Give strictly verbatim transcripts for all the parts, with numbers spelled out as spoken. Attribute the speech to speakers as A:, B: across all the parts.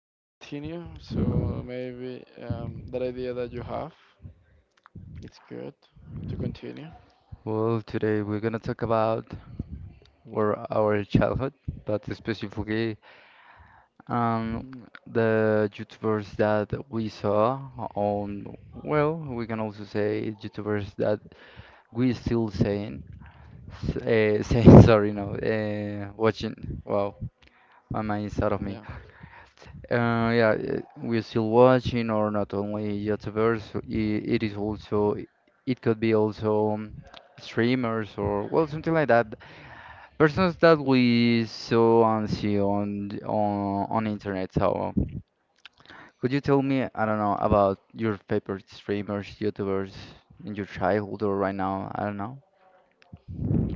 A: let's continue. So maybe um, that idea that you have, it's good to continue.
B: Well, today we're gonna talk about were our childhood, but specifically um, the YouTubers that we saw on, well, we can also say YouTubers that we still saying, uh, saying sorry, no, uh, watching. Wow, my mind is out of me.
A: Yeah.
B: Uh, yeah, uh, we're still watching, or not only YouTubers, i- it is also, it could be also um, streamers or well something like that. Persons that we saw and see on th- on on internet. So, could you tell me, I don't know, about your favorite streamers, YouTubers in your childhood or right now? I don't know.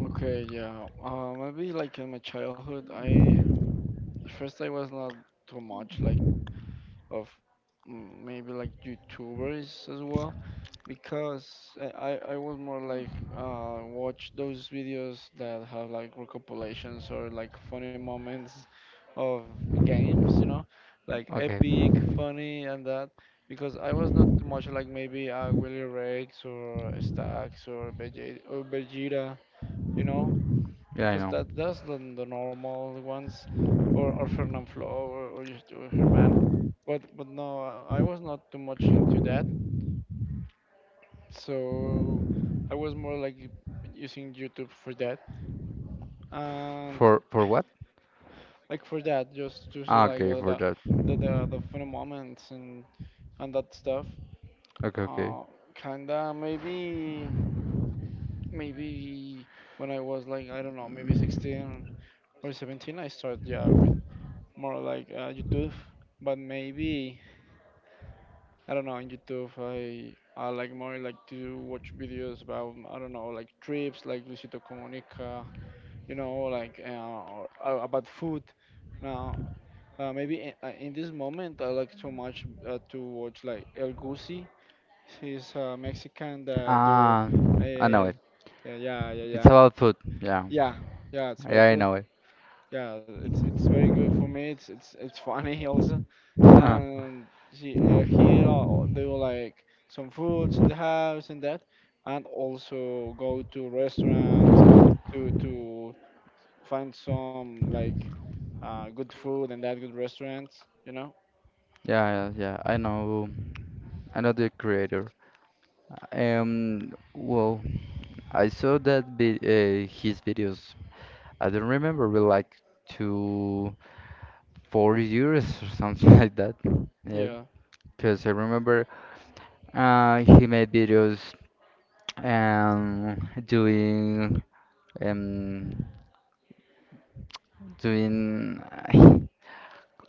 A: Okay, yeah. Uh, maybe like in my childhood, I first I was not too much like of mm, maybe like YouTubers as well, because I I I was more like uh, watch those videos that have like recopilations or like funny moments of games, you know, like
B: Okay.
A: epic, funny, and that. Because I was not too much like maybe uh, Willy Rex or Stacks or Vegeta, or Vegeta, you know,
B: Yeah, I
A: because
B: know.
A: that that's the, the normal ones, or or Fernand Flo or, or just or Herman, but but no, I was not too much into that, so I was more like using YouTube for that and
B: For for what?
A: like for that just to see
B: Ah,
A: like
B: okay,
A: uh,
B: for
A: the
B: that.
A: the the, the funny moments and and that stuff.
B: Okay, okay.
A: Uh, Kinda maybe maybe when I was like I don't know maybe sixteen or seventeen I started yeah with more like uh, YouTube, but maybe I don't know. On YouTube, I I like more like to watch videos about I don't know like trips, like Luisito Comunica, you know, like uh, or, uh, about food. Now, uh, maybe in, uh, in this moment, I like so much uh, to watch like El Gusi. He's a Mexican that do.
B: Ah,
A: Uh,
B: I know it.
A: yeah, yeah, yeah,
B: It's
A: yeah,
B: about food. Yeah,
A: yeah, yeah. It's
B: yeah,
A: about
B: I
A: food.
B: know it.
A: Yeah, it's it's very good for me. It's it's it's funny also. And she, uh, here uh, they will like some foods in the house and that, and also go to restaurants to to find some like uh, good food and that good restaurants, you know?
B: Yeah, yeah, yeah. I know. I know the creator. Um, well, I saw that vi- uh, his videos. I don't remember, but like two, four years or something like that. Yeah,
A: Yeah,
B: because I remember uh, he made videos um doing um doing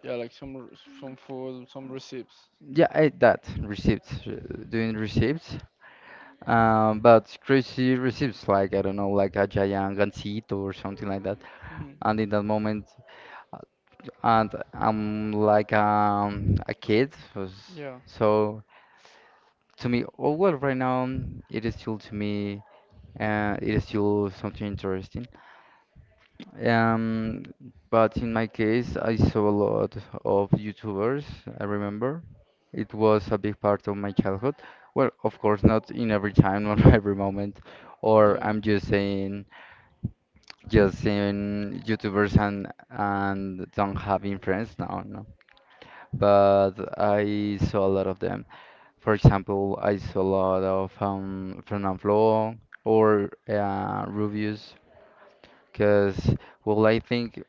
A: yeah, like some r- some food, some receipts.
B: Yeah, I, that receipts, uh, doing receipts, um, but crazy receipts, like I don't know, like a giant gansito or something like that.
A: Mhm.
B: And in that moment, uh, and I'm like um, a kid, was-
A: Yeah,
B: so to me, oh well, right now um, it is still to me, uh, it is still something interesting. Um, but in my case, I saw a lot of YouTubers, I remember. It was a big part of my childhood. Well, of course, not in every time, not every moment, or
A: yeah,
B: I'm just saying, just saying YouTubers and and don't having friends. No, no. But I saw a lot of them. For example, I saw a lot of um, Fernand Flo or uh, Rubius, because well, I think.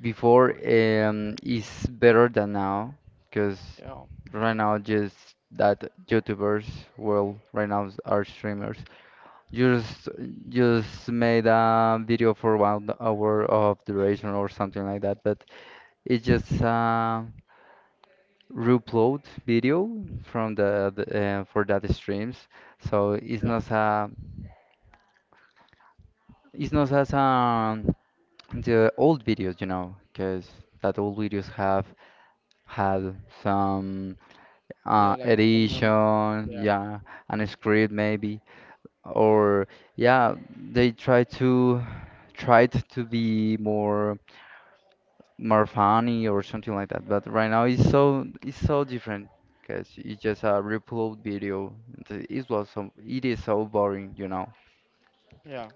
B: Before um, is better than now because
A: yeah,
B: right now just that YouTubers, well, right now s- are streamers. Just just made a video for one hour of duration or something like that, but it's just a reupload video from the, the uh, for that streams. So it's
A: yeah,
B: not a it's not as um the old videos, you know, because that old videos have had some.
A: yeah,
B: Uh,
A: like some. Um,
B: edition,
A: yeah,
B: yeah, and a script maybe, or yeah, they try to tried to be more more funny or something like that. But right now it's so it's so different because it's just a reupload video. Th- It was so it is so boring, you know.
A: yeah,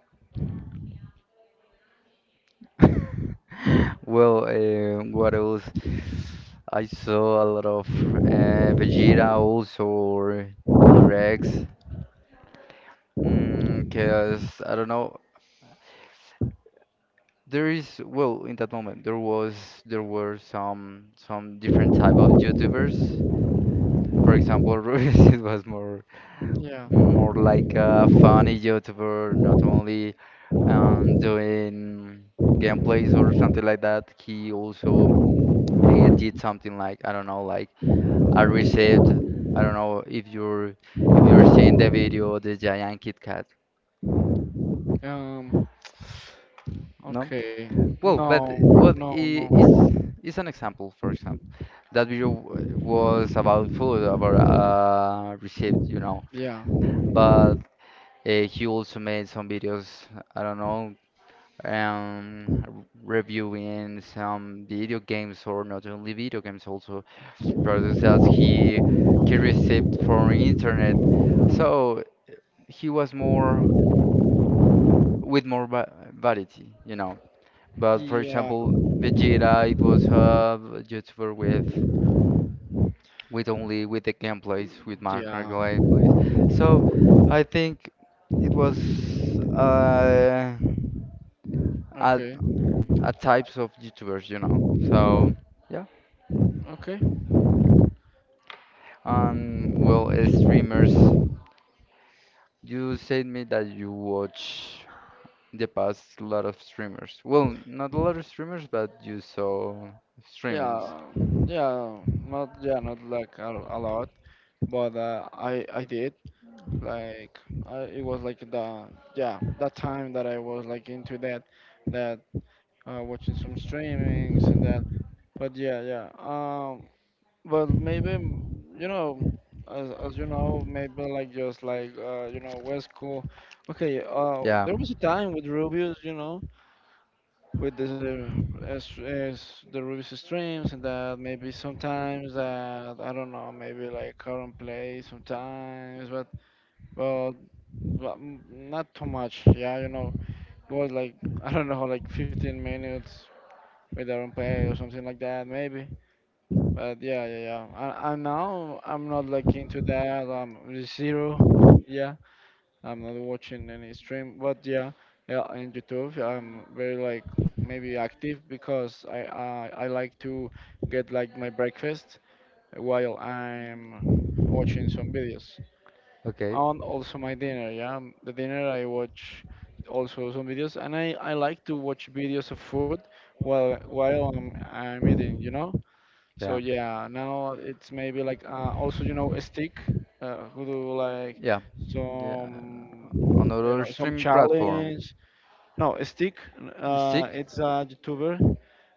B: Well, uh, what else? I saw a lot of uh, Vegeta also or Cooler Rex. Mm, 'cause I don't know. There is well in that moment there was there were some some different type of YouTubers. For example, Rubius it was more
A: yeah.
B: more like a funny YouTuber, not only um, doing gameplays or something like that. He also uh, did something like I don't know, like a receipt. I don't know if you're if you're seeing the video the giant Kit Kat,
A: Um.
B: no?
A: Okay.
B: Well, but uh,
A: No,
B: well,
A: no,
B: i- it's
A: no.
B: it's an example. For example, that video w- was about food, about uh, received, you know.
A: Yeah.
B: But uh, he also made some videos. I don't know, um, r- reviewing some video games or not only video games, also products that he he received from internet. So he was more with more va- variety, you know. But for
A: Yeah.
B: example, Vegeta, it was a YouTuber with with only with the gameplays, with Minecraft
A: Yeah.
B: gameplays. So I think it was uh, a
A: Okay.
B: a types of YouTubers, you know. So yeah.
A: Okay.
B: Um, well, uh, streamers. You said me that you watch the past lot of streamers. Well, not a lot of streamers, but you saw streamings.
A: Yeah. Yeah. Not. Yeah. Not like a, a lot, but uh, I I did like I it was like the yeah that time that I was like into that that uh, watching some streamings and that. But yeah, yeah. Um. But maybe m- you know. As, as you know, maybe like just like uh, you know, West Coast. Okay, uh,
B: Yeah.
A: there was a time with Rubius, you know, with the uh, as, as the Ruby's streams and that maybe sometimes that I don't know maybe like current play sometimes but but, but m- not too much yeah you know it was like I don't know like fifteen minutes with current play or something like that maybe but yeah yeah yeah I, I now I'm not like into that um zero yeah. I'm not watching any stream, but yeah, yeah, in YouTube, I'm very like maybe active because I I, I like to get like my breakfast while I'm watching some videos,
B: Okay.
A: and also my dinner. Yeah, m- the dinner I watch also some videos, and I I like to watch videos of food while while I'm I'm eating. You know, so
B: Yeah.
A: yeah, now it's maybe like uh, also you know a stick uh, who do like
B: Yeah. Yeah. and
A: some
B: on
A: you
B: other
A: know some
B: streaming platform.
A: challenge. No, a stick. Uh,
B: Stick?
A: it's a YouTuber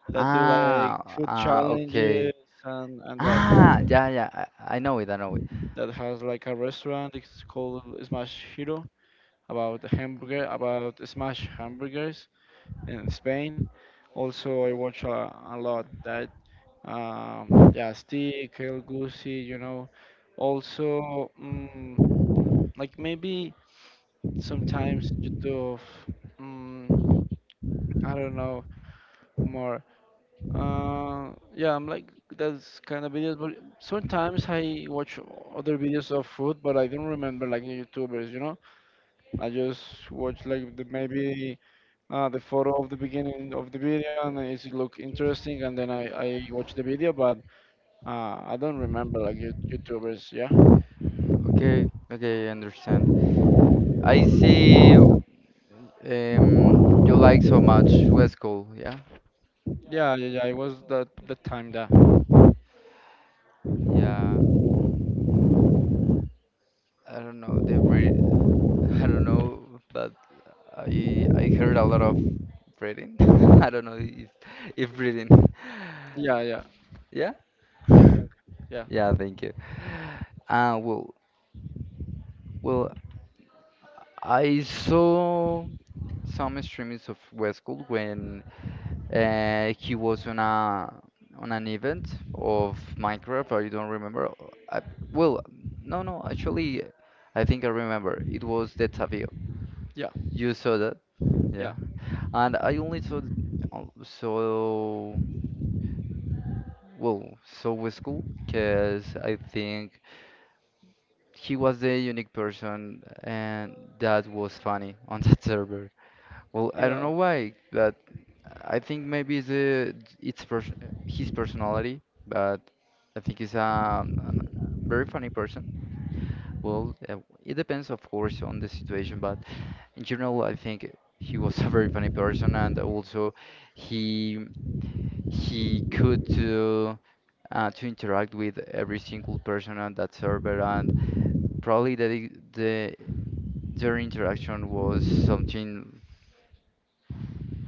A: that do like
B: Ah,
A: food
B: ah,
A: challenges
B: okay.
A: and and that
B: Ah, yeah, yeah. I, I know it. I know it.
A: that has like a restaurant. It's called Smash Hero about the hamburger about smash hamburgers in Spain. Also, I watch a, a lot. That Um, yeah, Stick, El Gucci, you know. Also, mm, like maybe sometimes YouTube, mm, I don't know, more. Uh, yeah, I'm like that's kind of videos, but sometimes I watch other videos of food, but I don't remember like the YouTubers, you know. I just watch like the, maybe uh, the photo of the beginning of the video and it look interesting, and then I I watch the video, but. Uh, I don't remember like you- YouTubers. Yeah,
B: Okay. Okay. I understand. I see. Um, you like so much West Coast. Yeah.
A: yeah, yeah, yeah. It was the the time that.
B: Yeah. I don't know the breed. I don't know, but I I heard a lot of breeding. I don't know if if breeding.
A: Yeah, yeah.
B: Yeah.
A: I think. Yeah,
B: Yeah, thank you. Uh, well, well, I saw some streamings of Westgold when uh, he was on a on an event of Minecraft. I don't remember. I, well, no, no, actually, I think I remember. It was the Tavio.
A: yeah,
B: You saw that?
A: yeah,
B: Yeah. And I only saw um, so well so with school because I think he was the unique person and that was funny on that server. Well, I don't
A: yeah,
B: know why, but I think maybe the it's pers his personality, but I think he's a, very funny person. Well, uh, it depends, of course, on the situation, but in general, I think he was a very funny person, and also he he could to uh, to interact with every single person on that server and probably that the the- their interaction was something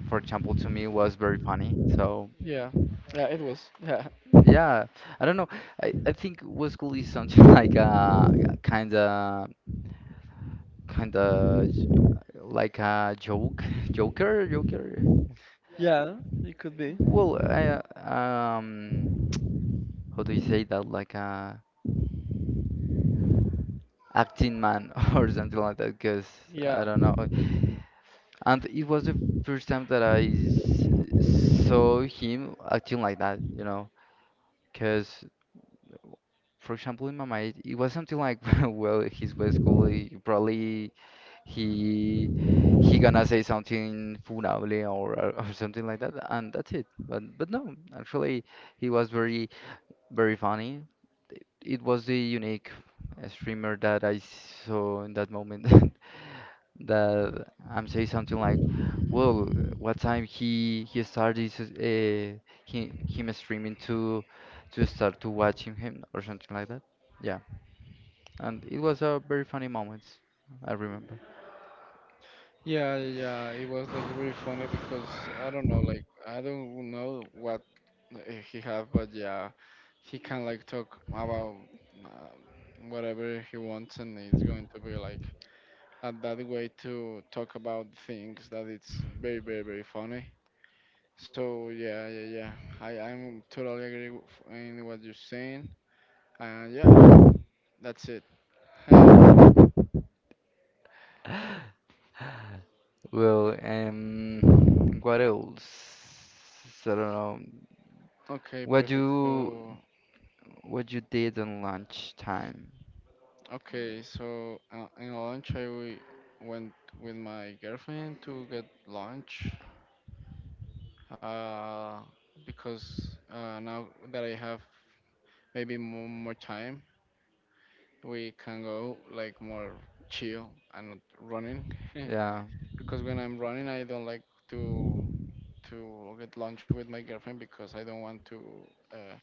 B: for example to me was very funny so
A: yeah, yeah. It was. Yeah,
B: yeah I don't know, i, I think was cool is something like a kind of kind of like a joke joker joker
A: yeah. It could be.
B: well i uh, um how do you say that like a acting man or something like that because I
A: Yeah,
B: don't know. And it was the first time that I s- saw him acting like that, you know, because for example in my mind it was something like well he's way school he- probably he he gonna say something funable or uh, or something like that and that's it but but no actually he was very very funny it was the unique uh, streamer that I saw in that moment that I'm saying something like, well, what time he he started uh, he him streaming to to start to watching him or something like that. Yeah, and it was a very funny moment. I remember.
A: yeah, yeah. It was like very funny because I don't know, like I don't know what uh, he have, but yeah, he can like talk about uh, whatever he wants, and it's going to be like and that way to talk about things that it's very very very funny so yeah yeah yeah i i'm totally agree w- f- in what you're saying and yeah that's it
B: Well, um, what else? I don't know.
A: okay
B: What
A: perfect
B: you
A: so
B: what you did on lunch time?
A: okay so uh, in lunch I we went with my girlfriend to get lunch uh because uh now that I have maybe more, more time we can go like more chill and not running
B: Yeah,
A: because when I'm running, I don't like to to get lunch with my girlfriend because I don't want to uh,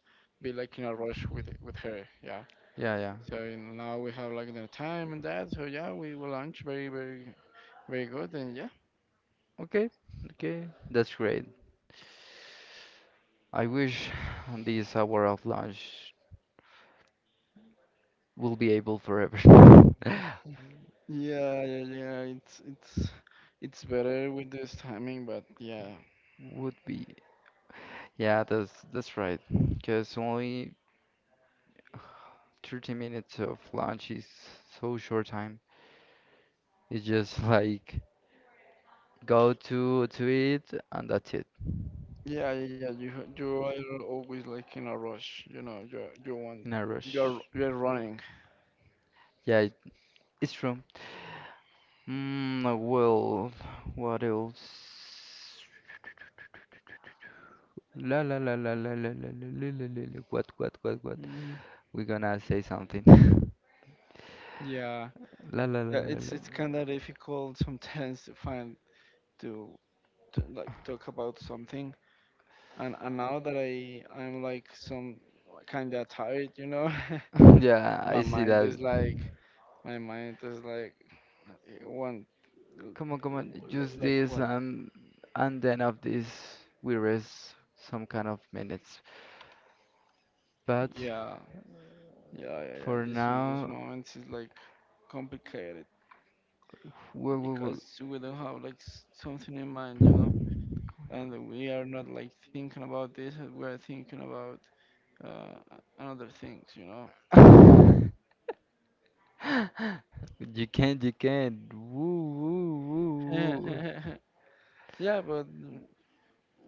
A: be like in a rush with with her. Yeah.
B: yeah, yeah.
A: So you know, now we have like the time and that. So yeah, we will lunch very very very good and yeah.
B: Okay, okay, that's great. I wish this hour of lunch will be able forever.
A: Yeah yeah yeah. It's it's it's better with this timing, but yeah.
B: Would be. Yeah, that's that's right. Because only thirty minutes of lunch is so short time. It's just like go to to eat and that's it
A: Yeah, yeah, yeah. You ha- you are always like in a rush, you know. You you want
B: in a rush.
A: you're you're running.
B: Yeah, it, it's true. Mm, well, what else? La la la la la la la la la la la. La. What what what what?
A: Mm,
B: We're gonna say something.
A: yeah,
B: La la la
A: yeah,
B: la la.
A: it's
B: La.
A: it's kind of difficult sometimes to find to, to like talk about something, and and now that I I'm like some kind of tired, you know,
B: Yeah, I
A: my
B: see
A: mind
B: that.
A: is like my mind is like eh, one
B: Come on, come on.
A: like
B: Just
A: like
B: this
A: one
B: and and then of this we rest some kind of minutes. But
A: yeah yeah yeah yeah.
B: for
A: This this
B: now,
A: moment is like complicated
B: woo, woo,
A: because we don't have like s- something in mind, you know, and we are not like thinking about this. We are thinking about uh, and other things, you know.
B: woo. You can't, you can't. Woo, woo, woo, woo.
A: Yeah, but mm,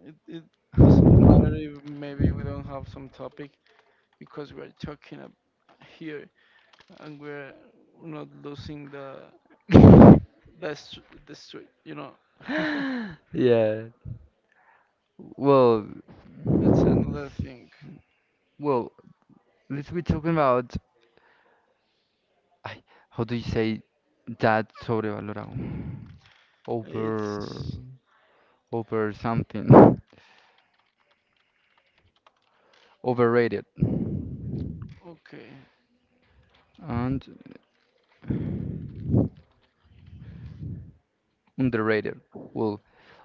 A: it, it doesn't matter if maybe we don't have some topic because we are talking ab- here and we're not losing the best the street, you know.
B: Yeah. Well,
A: That's another thing.
B: well, let's be talking about ay, how do you say that sobrevalorado? Over,
A: It's
B: over something. Overrated.
A: okay,
B: and underrated. Well,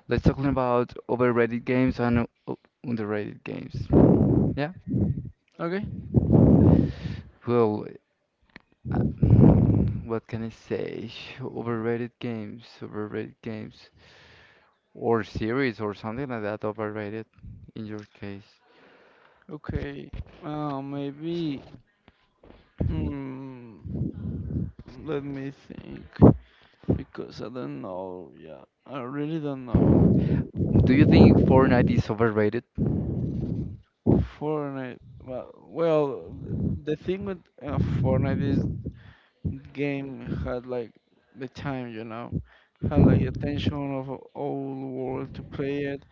B: let's talk about overrated games and uh, underrated games. Yeah.
A: okay,
B: Well, uh, what can I say? Overrated games, overrated games, or series or something like that. Overrated in your case.
A: okay. Uh, maybe. Mm, let me think because I don't know. Yeah, I really don't know.
B: Do you think Fortnite is overrated?
A: Fortnite. Well, well, the thing with uh, Fortnite is game had like the time, you know, had like attention of a whole world to play it.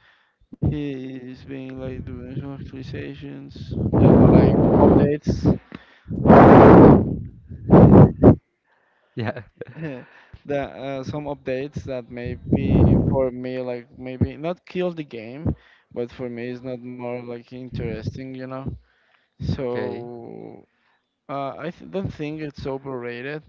A: He's been like doing some actualizations, yeah, not like updates. Uh,
B: Yeah.
A: the uh, some updates that maybe for me like maybe not kill the game, but for me it's not more like interesting, you know.
B: Okay.
A: So Uh, I th- don't think it's overrated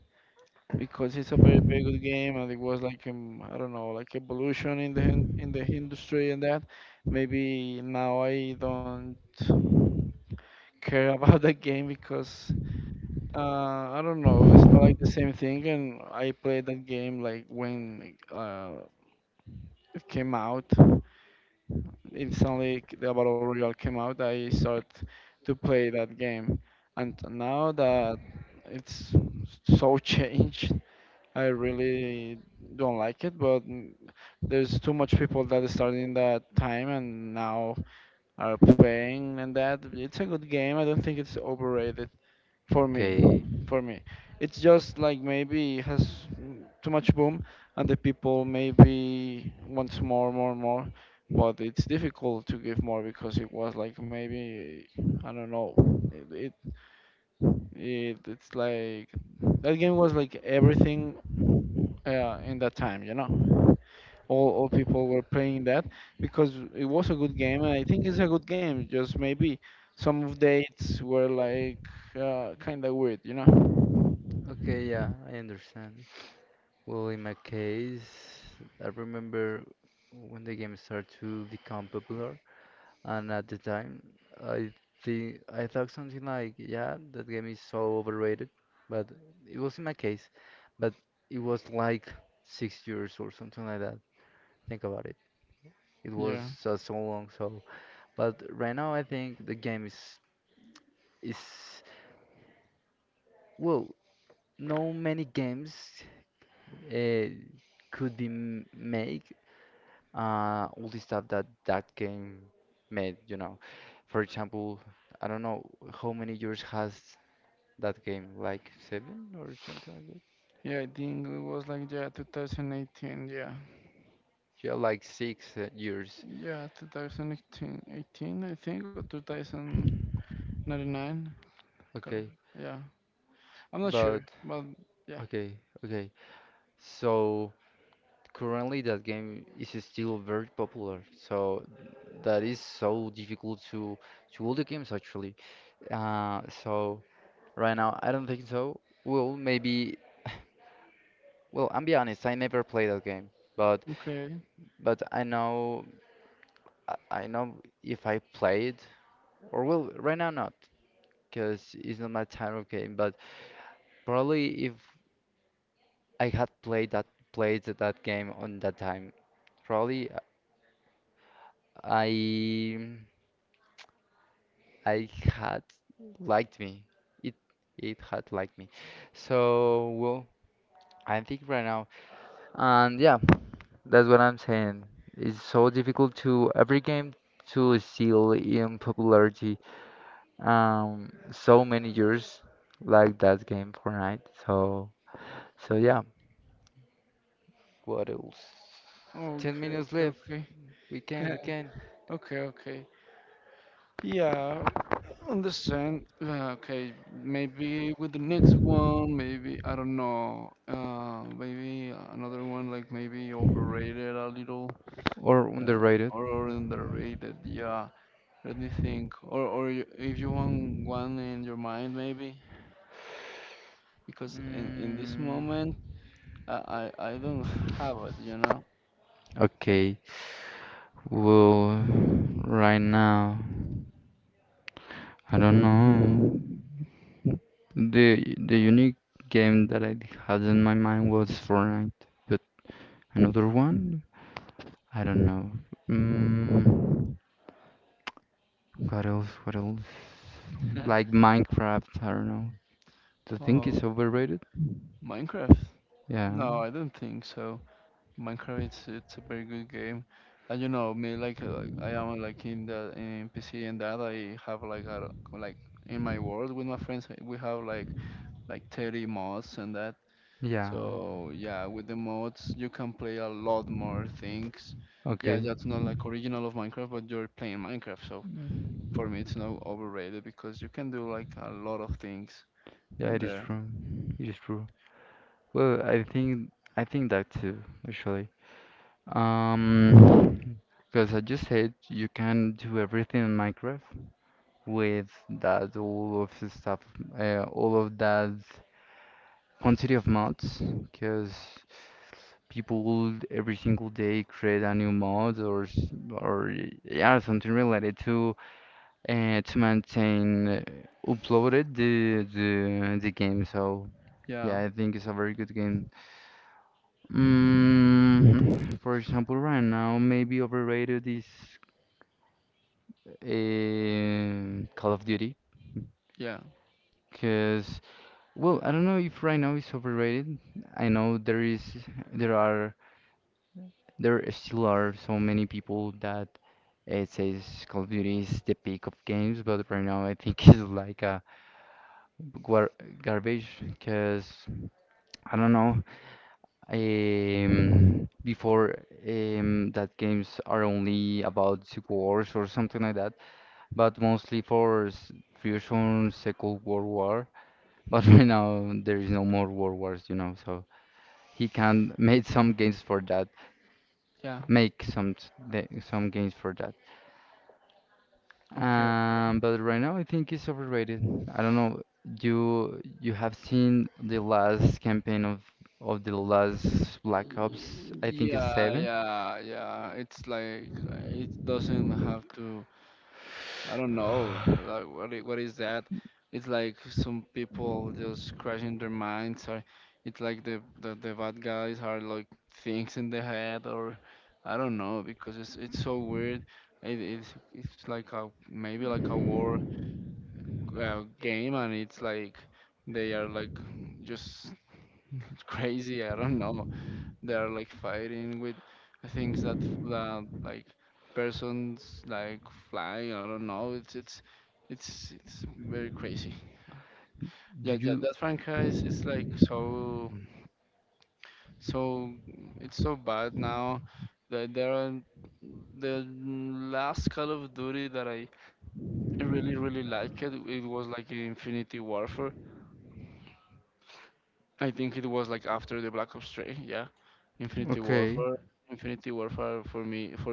A: because it's a very very good game and it was like um, I don't know like evolution in the hin- in the industry and that. Maybe now I don't care about that game because uh, I don't know it's not like the same thing and I played that game like when uh, it came out instantly the Battle Royale came out I started to play that game and now that it's so changed I really don't like it, but mm, there's too much people that started in that time and now are playing and that. It's a good game. I don't think it's overrated for me.
B: Okay.
A: For me, it's just like maybe it has mm, too much boom and the people maybe wants more, more, more. But it's difficult to give more because it was like maybe I don't know. It, it it, it's like that game was like everything uh, in that time, you know. All all people were playing that because it was a good game, and I think it's a good game. Just maybe some of the dates were like uh, kind of weird, you know.
B: Okay. Yeah, I understand. Well, in my case, I remember when the game started to become popular. And at the time, I think I thought something like, yeah, that game is so overrated, but it was in my case, but it was like six years or something like that. Think about it. It was
A: Yeah,
B: so, so long. So, but right now I think the game is is well, no many games uh, could be m make uh all the stuff that that game made. You know, for example, I don't know how many years has. That game like seven or something like that.
A: yeah, I think it was like yeah, twenty eighteen, yeah,
B: Yeah, like six uh, years.
A: yeah, twenty eighteen, eighteen, eighteen, I think, or twenty ninety-nine. Correct.
B: Okay,
A: Yeah, I'm not sure,
B: but
A: but yeah,
B: okay, okay. So currently that game is still very popular. So that is so difficult to to all the games actually. Uh, so right now I don't think so. Well, maybe. Well, I'm be honest. I never played that game, but
A: okay.
B: but I know I I know if I played or well right now not because it's not my type of game, but. Probably if I had played that played that game on that time, probably I I had liked me. It it had liked me. So well, I think right now, and yeah, that's what I'm saying. It's so difficult to every game to steal in popularity. Um, so many years like that game Fortnite. So so yeah. What else? Ten
A: Okay,
B: minutes
A: okay,
B: left.
A: okay.
B: We can, we can.
A: Okay, okay. Yeah, understand. Uh, Okay, maybe with the next one, maybe I don't know. Uh, maybe another one like maybe overrated a little,
B: Or
A: uh,
B: underrated.
A: or, or underrated. Yeah, let me think. Or or you- if you want one in your mind, maybe because in in this
B: Mm,
A: moment, I I, I don't have it. You know.
B: okay. Well, right now, I don't know. The the unique game that I had in my mind was Fortnite, but another one, I don't know. Mm, what else? What else? Like Minecraft, I don't know. The thing
A: Oh,
B: is overrated?
A: Minecraft?
B: Yeah.
A: No, I don't think so. Minecraft it's it's a very good game. And you know me like uh, like, I am like in the in P C and that I have like a, like in my world with my friends uh, we have like like thirty mods and that.
B: Yeah.
A: So yeah, with the mods you can play a lot more things. Yeah,
B: Okay.
A: that's not like original of Minecraft, but you're playing Minecraft. So for me it's not overrated because you can do like a lot of things
B: Yeah,
A: in
B: it is
A: there.
B: true. It is true. Well, I think I think that too, actually. Um, because I just said you can do everything in Minecraft with that all of the stuff, uh, all of that quantity of mods. Because people every single day create a new mod or s- or yeah something related to uh, to maintain uh, uploaded the the the game. So
A: Yeah,
B: yeah, I think it's a very good game. Mm, for example, right now, maybe overrated is um Call of Duty.
A: yeah,
B: Because, well, I don't know if right now it's overrated. I know there is, there are, There still are so many people that it says Call of Duty is the peak of games, but right now I think it's like a gar garbage. Because I don't know. Um, before um, that games are only about Civil Wars or something like that, but mostly for s- Fusion Second World War. But right now there is no more World Wars, you know, so he can make some games for that,
A: yeah.
B: make some s- the- some games for that.
A: Okay. Okay.
B: Um, but right now I think it's overrated. I don't know. You you have seen the last campaign of of the last Black Ops, I think it's
A: Yeah,
B: seven.
A: yeah, yeah. It's like uh, it doesn't have to. I don't know. Like, what i- what is that? It's like some people just crashing their minds. Or it's like the, the the bad guys are like things in the head, or I don't know because it's it's so weird. It, it's it's like a maybe like a war uh, game, and it's like they are like just crazy. I don't know they are like fighting with things that that like persons like flying. I don't know. It's it's it's it's very crazy. Yeah,
B: Do
A: yeah,
B: you
A: that franchise is like so so it's so bad now that there are the last Call of Duty that I really really liked it. It was like Infinity Warfare. I think it was like after the Black Ops three. Yeah, Infinity
B: Okay,
A: Warfare. Infinity Warfare for me for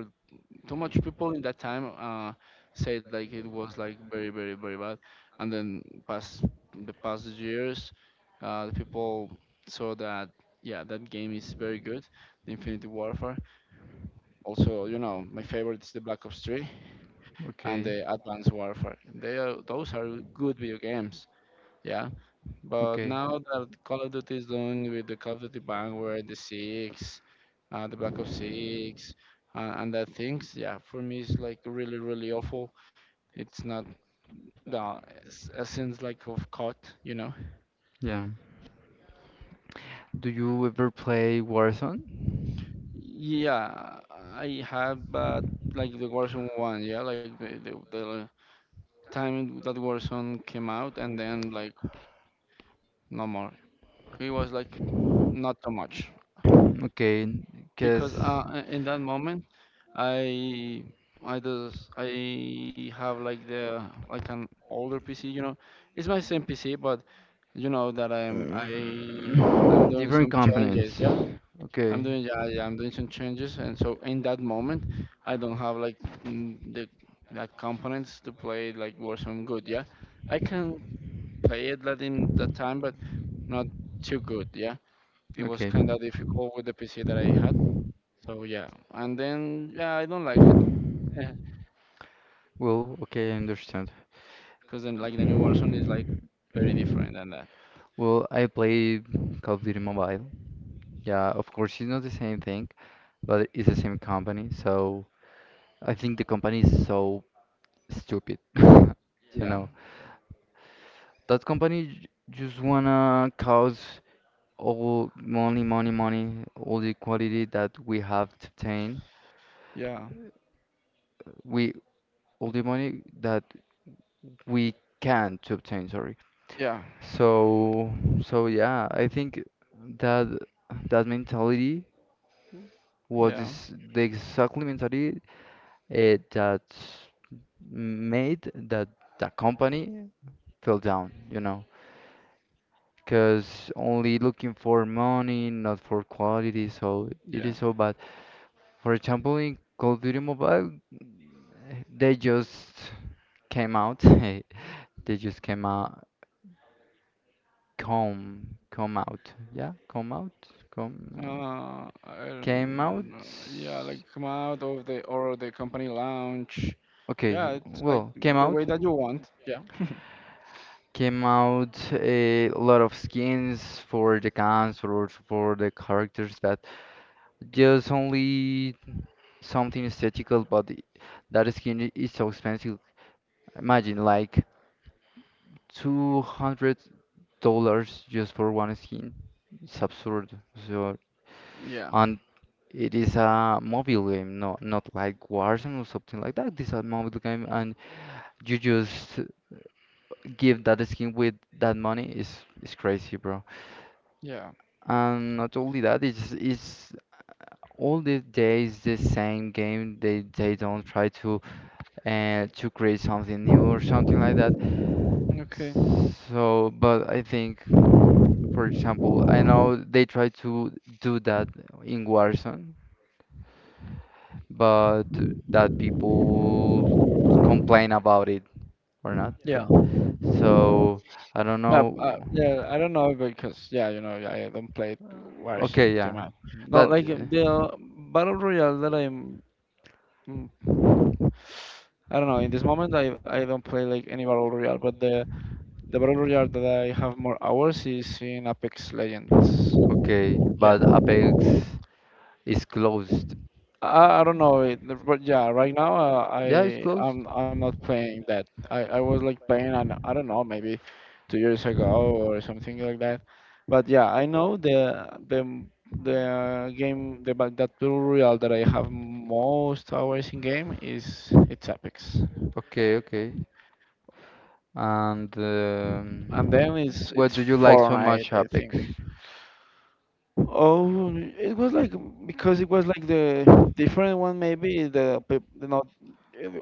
A: too much people in that time, uh, said like it was like very very very bad, and then past the past years, uh, the people saw that, yeah, that game is very good, the infinity warfare. Also, you know, my favorite is the black ops three and the
B: okay,
A: advanced warfare. They are, those are good video games. Yeah, but
B: okay.
A: now that Call of Duty is doing with the Call of Duty Vanguard, the Six, uh, the Black Ops Six, uh, and that things, yeah, for me it's like really, really awful. It's not the es- essence like of C O D, you know.
B: Yeah. Do you ever play Warzone?
A: Yeah, I have, but like the Warzone one, yeah, like the, the the time that Warzone came out, and then like no more. It was like not too much.
B: Okay,
A: Because
B: because
A: uh, uh, in that moment, i i just i have like the like an older pc, you know. It's my same pc, but you know that i'm i i'm doing
B: different
A: some
B: components.
A: changes. Yeah,
B: Okay.
A: I'm doing, yeah, yeah, I'm doing some changes, and so in that moment I don't have like mm, the like components to play like warzone good. Yeah, I can play it like in that time, but not too good. Yeah, it
B: Okay.
A: was kind of difficult with the pc that I had. So yeah, and then, yeah, I don't like it.
B: Well, okay, I understand.
A: Because then like the new Warzone is like very different than that.
B: Well, I play Call of Duty Mobile. Yeah, of course, it's not the same thing, but it's the same company. So I think the company is so stupid. You
A: Yeah,
B: know, that company j- just wanna cause all money, money, money, all the quality that we have to obtain.
A: yeah,
B: We all the money that we can to obtain, sorry.
A: yeah,
B: So so yeah, I think that that mentality was
A: yeah,
B: this, the exactly mentality uh, that made that that company fell down, you know. Because only looking for money, not for quality, so it is
A: yeah.
B: so bad. For example, in Call of Duty Mobile, eh, they just came out. eh, They just came out, come, come out. Yeah, come out, come out.
A: Uh, I
B: Came out.
A: don't know. Yeah, like come out of the or the company lounge.
B: Okay,
A: Yeah, it's like
B: well, came
A: the
B: out
A: way that you want. Yeah,
B: came out a lot of skins for the guns or for the characters that just only something aesthetical, but i- that skin i- is so expensive. Imagine like two hundred dollars just for one skin. It's absurd. So
A: yeah,
B: and it is a mobile game, no, not like Warzone or something like that. This is a mobile game, and you just give that skin with that money is is crazy, bro.
A: yeah.
B: And not only that, it's it's all the days the same game. They they don't try to and to create something new or something like that.
A: Okay.
B: So, but I think, for example, I know they try to do that in Warzone, but that people complain about it or not.
A: Yeah.
B: Yeah. So I don't
A: No, uh,
B: know.
A: yeah, I don't know because, yeah, you know, I don't play Warzone
B: Okay,
A: too
B: yeah.
A: much. No,
B: But
A: like
B: uh,
A: the Battle Royale that I am. Mm. I don't know. In this moment, I, I don't play like any battle royale, but the the battle royale that I have more hours is in Apex Legends.
B: okay,
A: Yeah,
B: but Apex is closed.
A: I, I don't know, it, but yeah, right now, uh,
B: Yeah, it's
A: I
B: closed.
A: I'm I'm not playing that. I I was like playing on, I don't know, maybe two years ago or something like that. But yeah, I know the the the game, the ba- that battle royale that I have most hours in game is, it's Apex.
B: Okay, okay. And
A: And
B: um,
A: then it's,
B: what
A: it's
B: do you like so
A: Fahrenheit,
B: much,
A: I think.
B: Apex?
A: Oh, it was like because it was like the different one, maybe the pe- the not.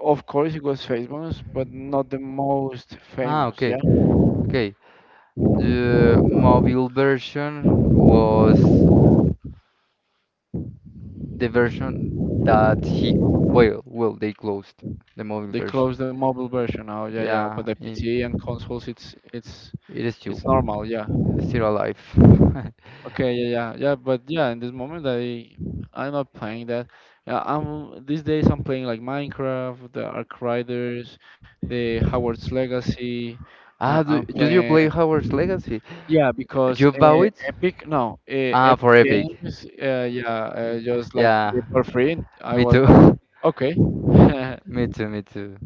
A: Of course, it was famous, but not the most
B: Ah,
A: famous. Yeah,
B: okay, okay. The mobile version was uh, the version that he, well, well, they closed the mobile
A: they closed
B: version.
A: the mobile version now. Yeah, yeah, but
B: Yeah,
A: the
B: in,
A: P C and consoles, it's it's
B: it is still
A: it's normal. Yeah.
B: still alive.
A: Okay, yeah, yeah, yeah, but yeah, in this moment I I'm not playing that. Yeah, I'm, these days I'm playing like Minecraft, the Ark Riders, the Howard's Legacy. Uh,
B: Ah,
A: I'm
B: do, do you play
A: playing,
B: Hogwarts Legacy?
A: yeah, because
B: You
A: uh,
B: bought it?
A: Epic, no, uh,
B: Ah,
A: Epic
B: for Epic.
A: Games, uh, yeah, uh,
B: Y-
A: just like did it
B: Yeah.
A: for free. I
B: Me
A: was
B: too.
A: like okay,
B: Me too, me too.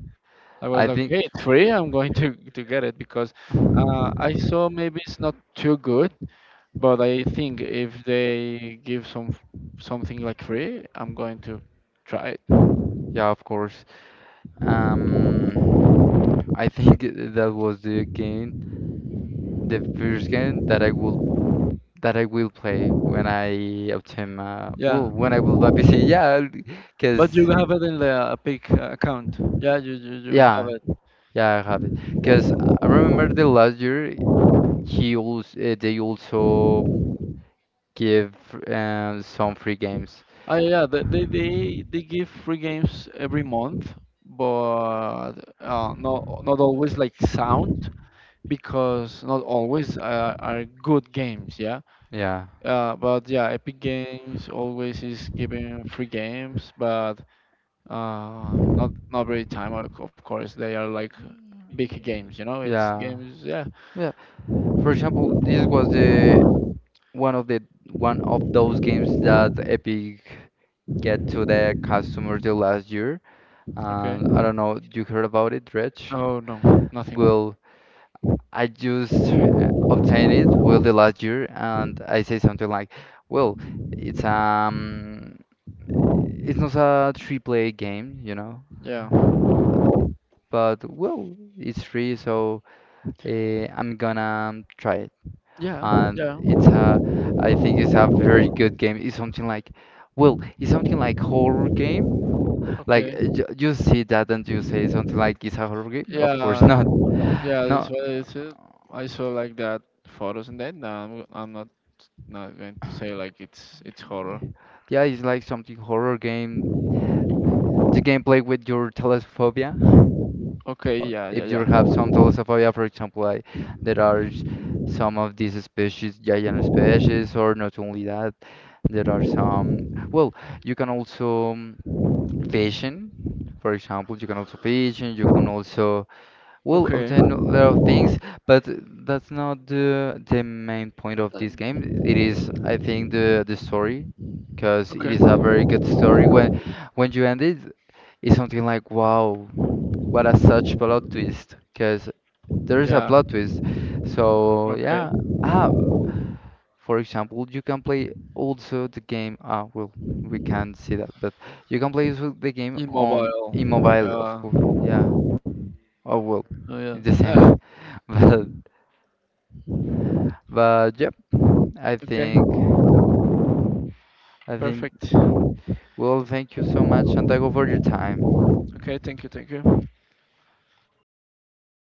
A: I was
B: I
A: like, hey,
B: think
A: it's free, I'm going to to get it, because uh, I saw maybe it's not too good, but I think if they give some f- something like free, I'm going to try it.
B: Yeah, of course. Um, I think that was the game, the first game that I will that I will play when I obtain my well,
A: Yeah,
B: when I will buy P C. Yeah, because
A: but you have it in the Epic uh, account. Yeah, you, you you have
B: yeah,
A: it.
B: yeah, I have it. Because I remember the last year he also uh, they also give um, some free games.
A: Ah, yeah, they they they they give free games every month, but uh, not not always like sound, because not always, uh, are good games. Yeah,
B: Yeah,
A: uh, but yeah, Epic Games always is giving free games, but Uh, not not very time, of of course. They are like big games, you know. It's
B: yeah,
A: games, yeah.
B: yeah. For example, this was the one of the one of those games that Epic get to the customers the last year.
A: Okay.
B: And I don't know, you heard about it, Dredge?
A: Oh no, nothing.
B: Well, I just uh, obtained it well the last year, and I say something like, "Well, it's um, it's not a triple A game, you know."
A: Yeah,
B: But well, it's free, so Eh, I'm gonna try it.
A: yeah,
B: And
A: yeah.
B: it's a, I think it's a very good game. It's something like, well, it's something like horror game. Like
A: Okay.
B: uh, you, you see that and you say something like it's a horror game? Of course
A: Yeah,
B: not.
A: yeah. This
B: No.
A: what it's, uh, I saw like that photos, and then no, I'm I'm not not going to say like it's it's horror.
B: Yeah, it's like something horror game. I- The gameplay with your thalassophobia.
A: Okay.
B: Uh,
A: Yeah, yeah,
B: If you
A: yeah.
B: have some thalassophobia, for example, I, there are s- some of these species, giant species, or not only that. There are some, well, you can also um, fashion, for example, you can also fashion, you can also, well,
A: Okay.
B: obtain a lot of things, but that's not the the main point of this
A: Then.
B: game. It is, I think, the the story, because it
A: Okay.
B: is a very good story. When when you end it, it's something like, wow, what a such plot twist, because there is a
A: Yeah.
B: plot twist. So
A: Okay.
B: yeah, ah. For example, you can play also the game. Ah, well, we can't see that, but you can play also the game
A: In
B: on
A: mobile.
B: immobile, of
A: Yeah.
B: course. Yeah. Oh well,
A: Oh yeah.
B: it's the same. But but yep, I
A: Okay.
B: think I think.
A: Perfect.
B: Well, thank you so much, Santiago, for your time.
A: Okay, thank you, thank you.